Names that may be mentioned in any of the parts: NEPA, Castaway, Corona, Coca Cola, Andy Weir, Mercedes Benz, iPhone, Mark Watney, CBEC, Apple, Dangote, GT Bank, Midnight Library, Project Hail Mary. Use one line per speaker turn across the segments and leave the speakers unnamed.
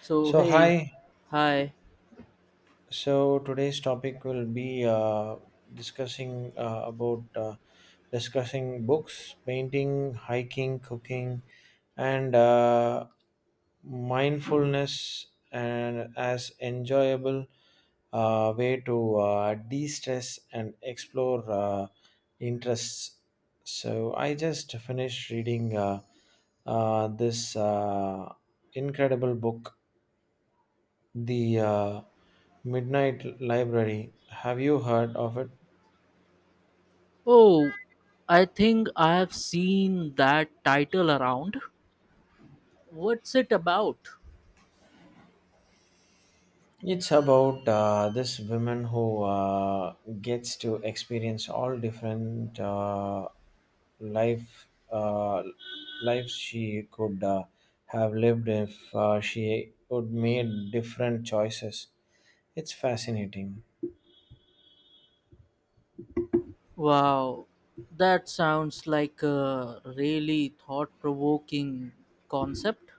So,
So
hey,
hi.
hi.
So today's topic will be discussing about discussing books, painting, hiking, cooking, and mindfulness, and as enjoyable way to de-stress and explore interests. So I just finished reading this incredible book the Midnight Library. Have you heard of it?
Oh, I think I have seen that title around. What's it about?
It's about this woman who gets to experience all different life lives she could have lived if she would made different choices. It's fascinating.
Wow, that sounds like a really thought provoking concept.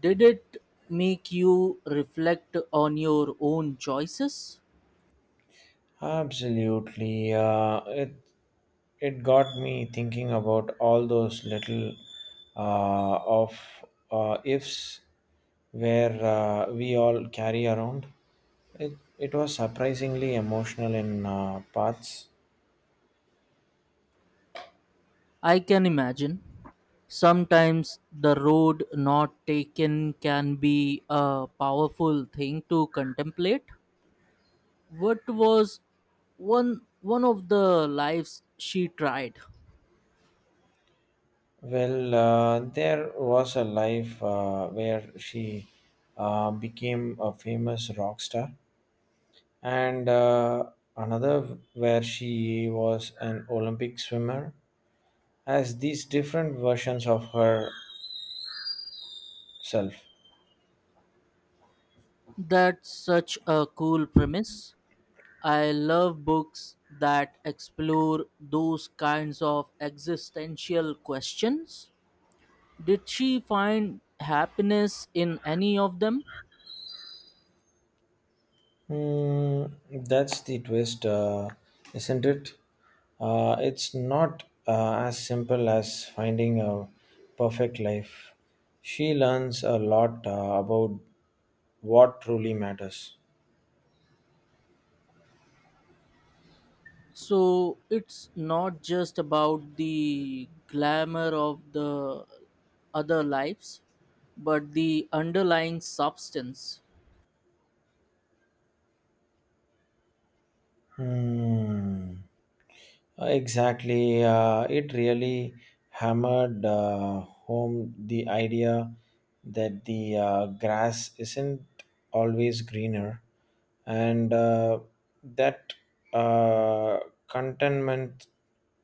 Did it make you reflect on your own choices?
Absolutely. It got me thinking about all those little of ifs where we all carry around. It was surprisingly emotional in parts.
I can imagine. Sometimes the road not taken can be a powerful thing to contemplate. What was one of the lives she tried?
Well, there was a life where she became a famous rock star, and another where she was an Olympic swimmer as these different versions of herself.
That's such a cool premise. I love books that explore those kinds of existential questions. Did she find happiness in any of them?
Hmm, that's the twist, isn't it? It's not as simple as finding a perfect life. She learns a lot about what truly matters.
So it's not just about the glamour of the other lives, but the underlying substance?
Hmm. Exactly. It really hammered home the idea that the grass isn't always greener and that uh, contentment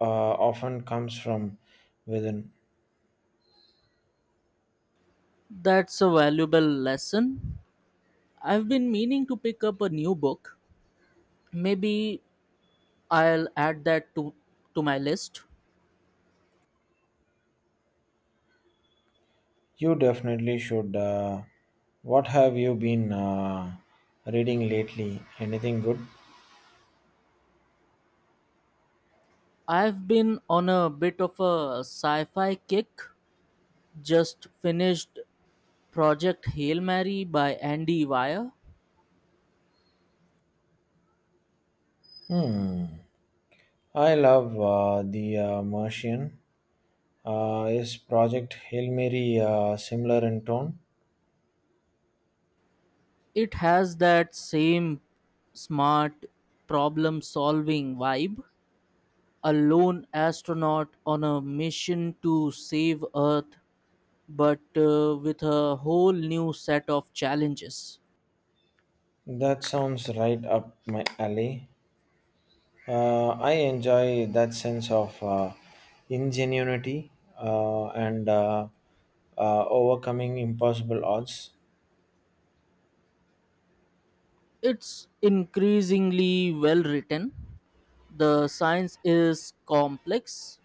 uh, often comes from within.
That's a valuable lesson. I've been meaning to pick up a new book. Maybe I'll add that to my list.
You definitely should. What have you been reading lately? Anything good?
I've been on a bit of a sci fi kick. Just finished Project Hail Mary by Andy Weir.
Hmm. I love The Martian. Is Project Hail Mary similar in tone?
It has that same smart problem solving vibe. A lone astronaut on a mission to save Earth, but with a whole new set of challenges.
That sounds right up my alley. I enjoy that sense of ingenuity and overcoming impossible odds.
It's increasingly well written. The science is complex,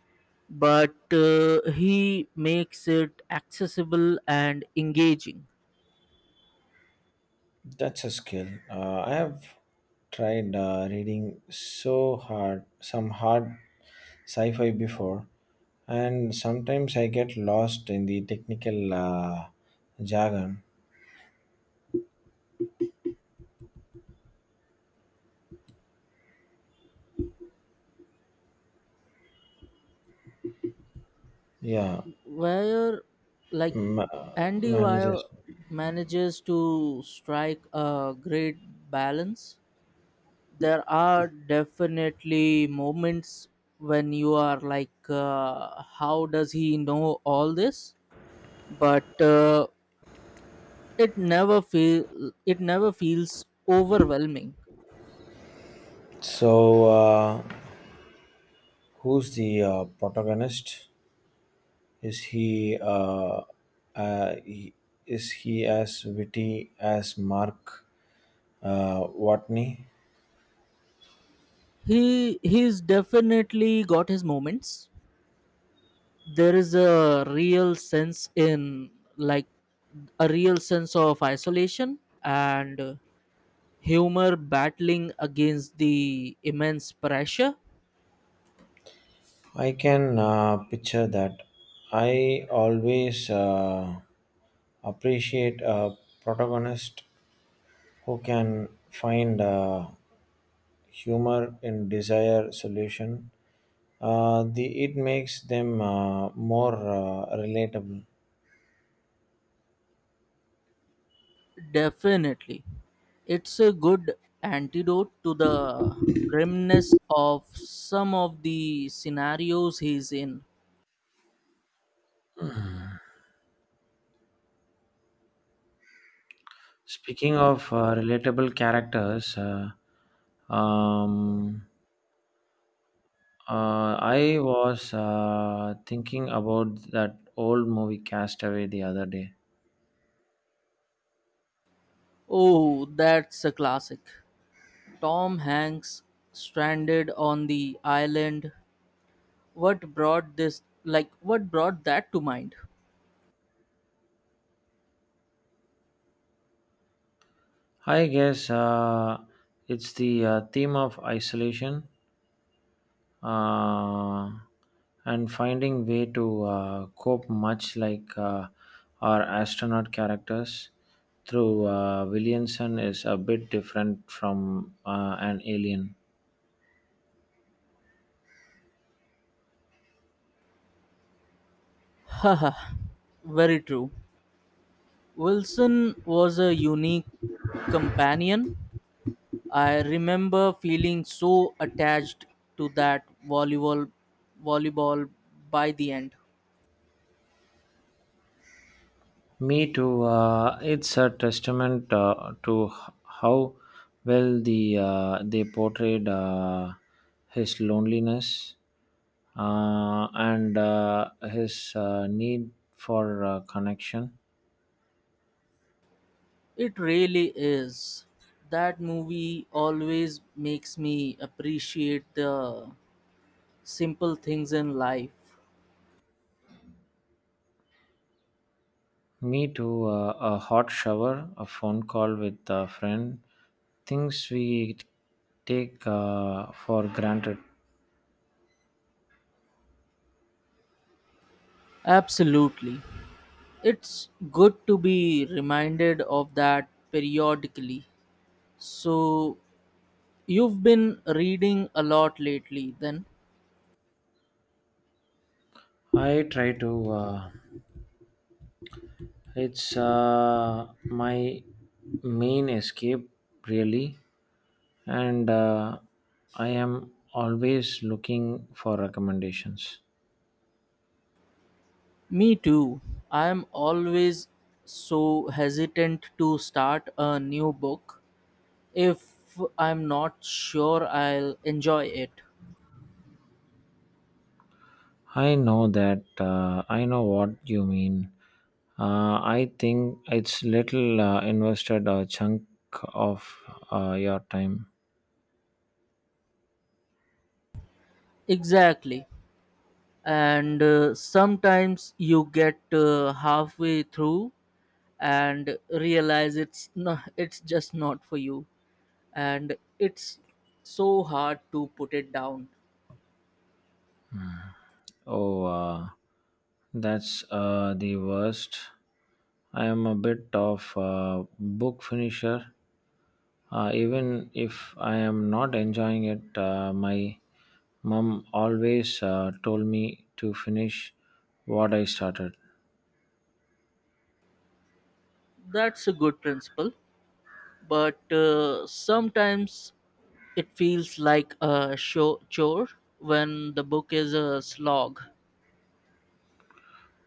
but he makes it accessible and engaging.
That's a skill. I have tried reading so hard, some hard sci fi before, and sometimes I get lost in the technical jargon. Yeah,
Where, like,
ma-
Andy
managers.
Weir manages to strike a great balance. There are definitely moments when you are like, how does he know all this, but it never feels overwhelming.
So, who's the protagonist? Is he, uh, he- is he as witty as Mark Watney?
He 's definitely got his moments. There is like a real sense of isolation and humor battling against the immense pressure.
I can picture that. I always appreciate a protagonist who can find humor in desire solution. The it makes them more relatable.
Definitely. It's a good antidote to the grimness of some of the scenarios he's in.
Speaking of relatable characters, um, I was thinking about that old movie Castaway the other day.
Oh, that's a classic. Tom Hanks stranded on the island. What brought this like what brought that to mind?
I guess it's the theme of isolation uh, and finding way to cope, much like our astronaut characters through Williamson is a bit different from an alien.
Haha. Very true. Wilson was a unique companion. I remember feeling so attached to that volleyball by the end.
Me too. It's a testament to how well the they portrayed his loneliness and his need for connection.
It really is. That movie always makes me appreciate the simple things in life.
Me too. A hot shower, a phone call with a friend, things we take for granted.
Absolutely. It's good to be reminded of that periodically. So, you've been reading a lot lately, then?
I try to. It's my main escape, really, and I am always looking for recommendations.
Me too. I am always so hesitant to start a new book if I'm not sure I'll enjoy it.
I know what you mean. I think it's little invested a chunk of your time.
Exactly. And sometimes you get halfway through and realize it's no, it's just not for you, and it's so hard to put it down.
Oh, that's the worst. I am a bit of a book finisher. Even if I am not enjoying it, my mum always told me to finish what I started.
That's a good principle, but sometimes it feels like a show chore when the book is a slog.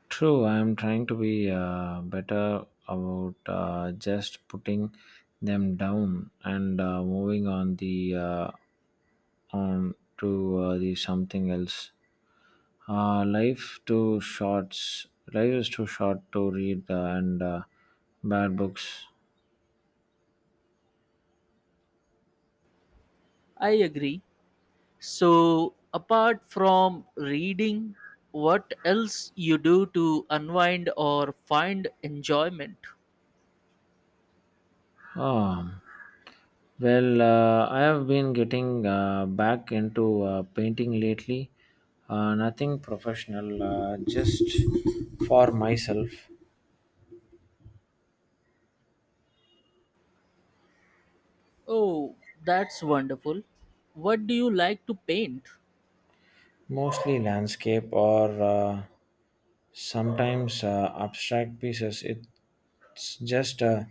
True, I am trying to be better about just putting them down and moving on the on to the something else. Uh, life too shorts. Life is too short to read and bad books.
I agree. So, apart from reading, what else you do to unwind or find enjoyment?
Um, Well, I have been getting back into painting lately. Nothing professional, just for myself.
Oh, that's wonderful. What do you like to paint?
Mostly landscape or sometimes abstract pieces. It's just a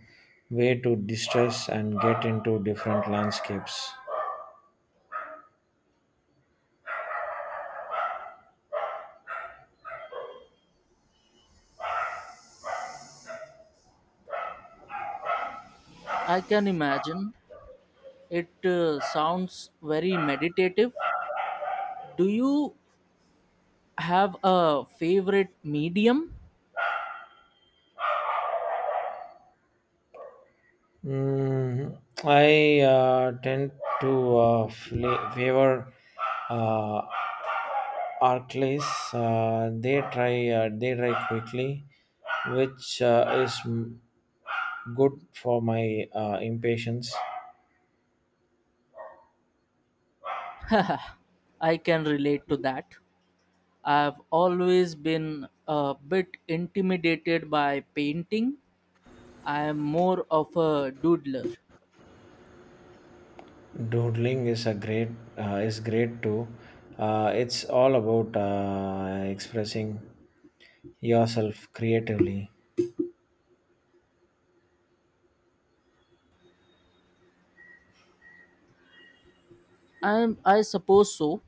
way to distress and get into different landscapes.
I can imagine. It sounds very meditative. Do you have a favorite medium?
Mm, I tend to favor uh, Arclays, they dry quickly, which is good for my impatience.
I can relate to that. I've always been a bit intimidated by painting. I am more of a doodler.
Doodling is great too. It's all about expressing yourself creatively.
I suppose so.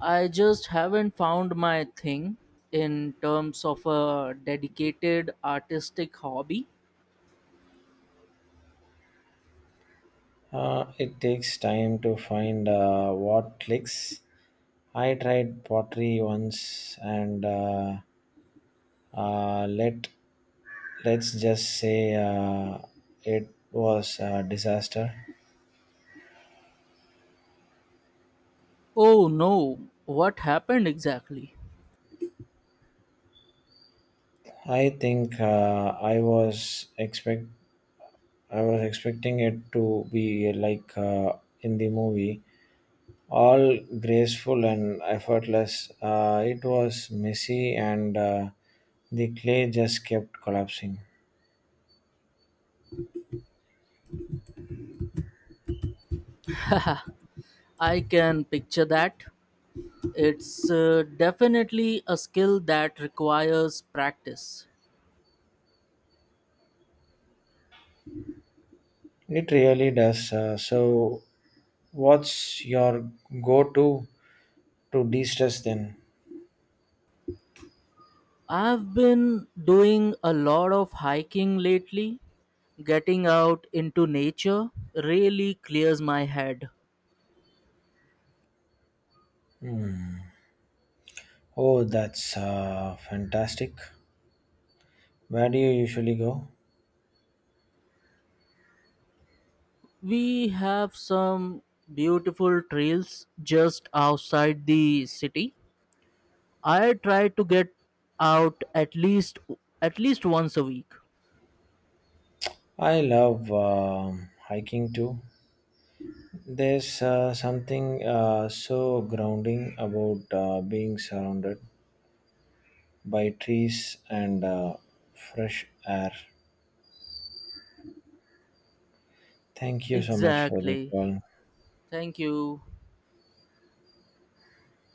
I just haven't found my thing in terms of a dedicated artistic hobby.
It takes time to find what clicks. I tried pottery once and. Uh, let let's just say it was a disaster.
Oh no, what happened exactly?
I think I was expecting it to be like in the movie, all graceful and effortless. It was messy and the clay just kept collapsing.
I can picture that. It's definitely a skill that requires practice.
It really does. So, what's your go-to to de-stress then?
I've been doing a lot of hiking lately. Getting out into nature really clears my head.
Oh, that's fantastic. Where do you usually go?
We have some beautiful trails just outside the city. I try to get out at least once a week.
I love hiking too. There's something so grounding about being surrounded by trees and fresh air. Thank you so much for the
Exactly.
call.
Thank you.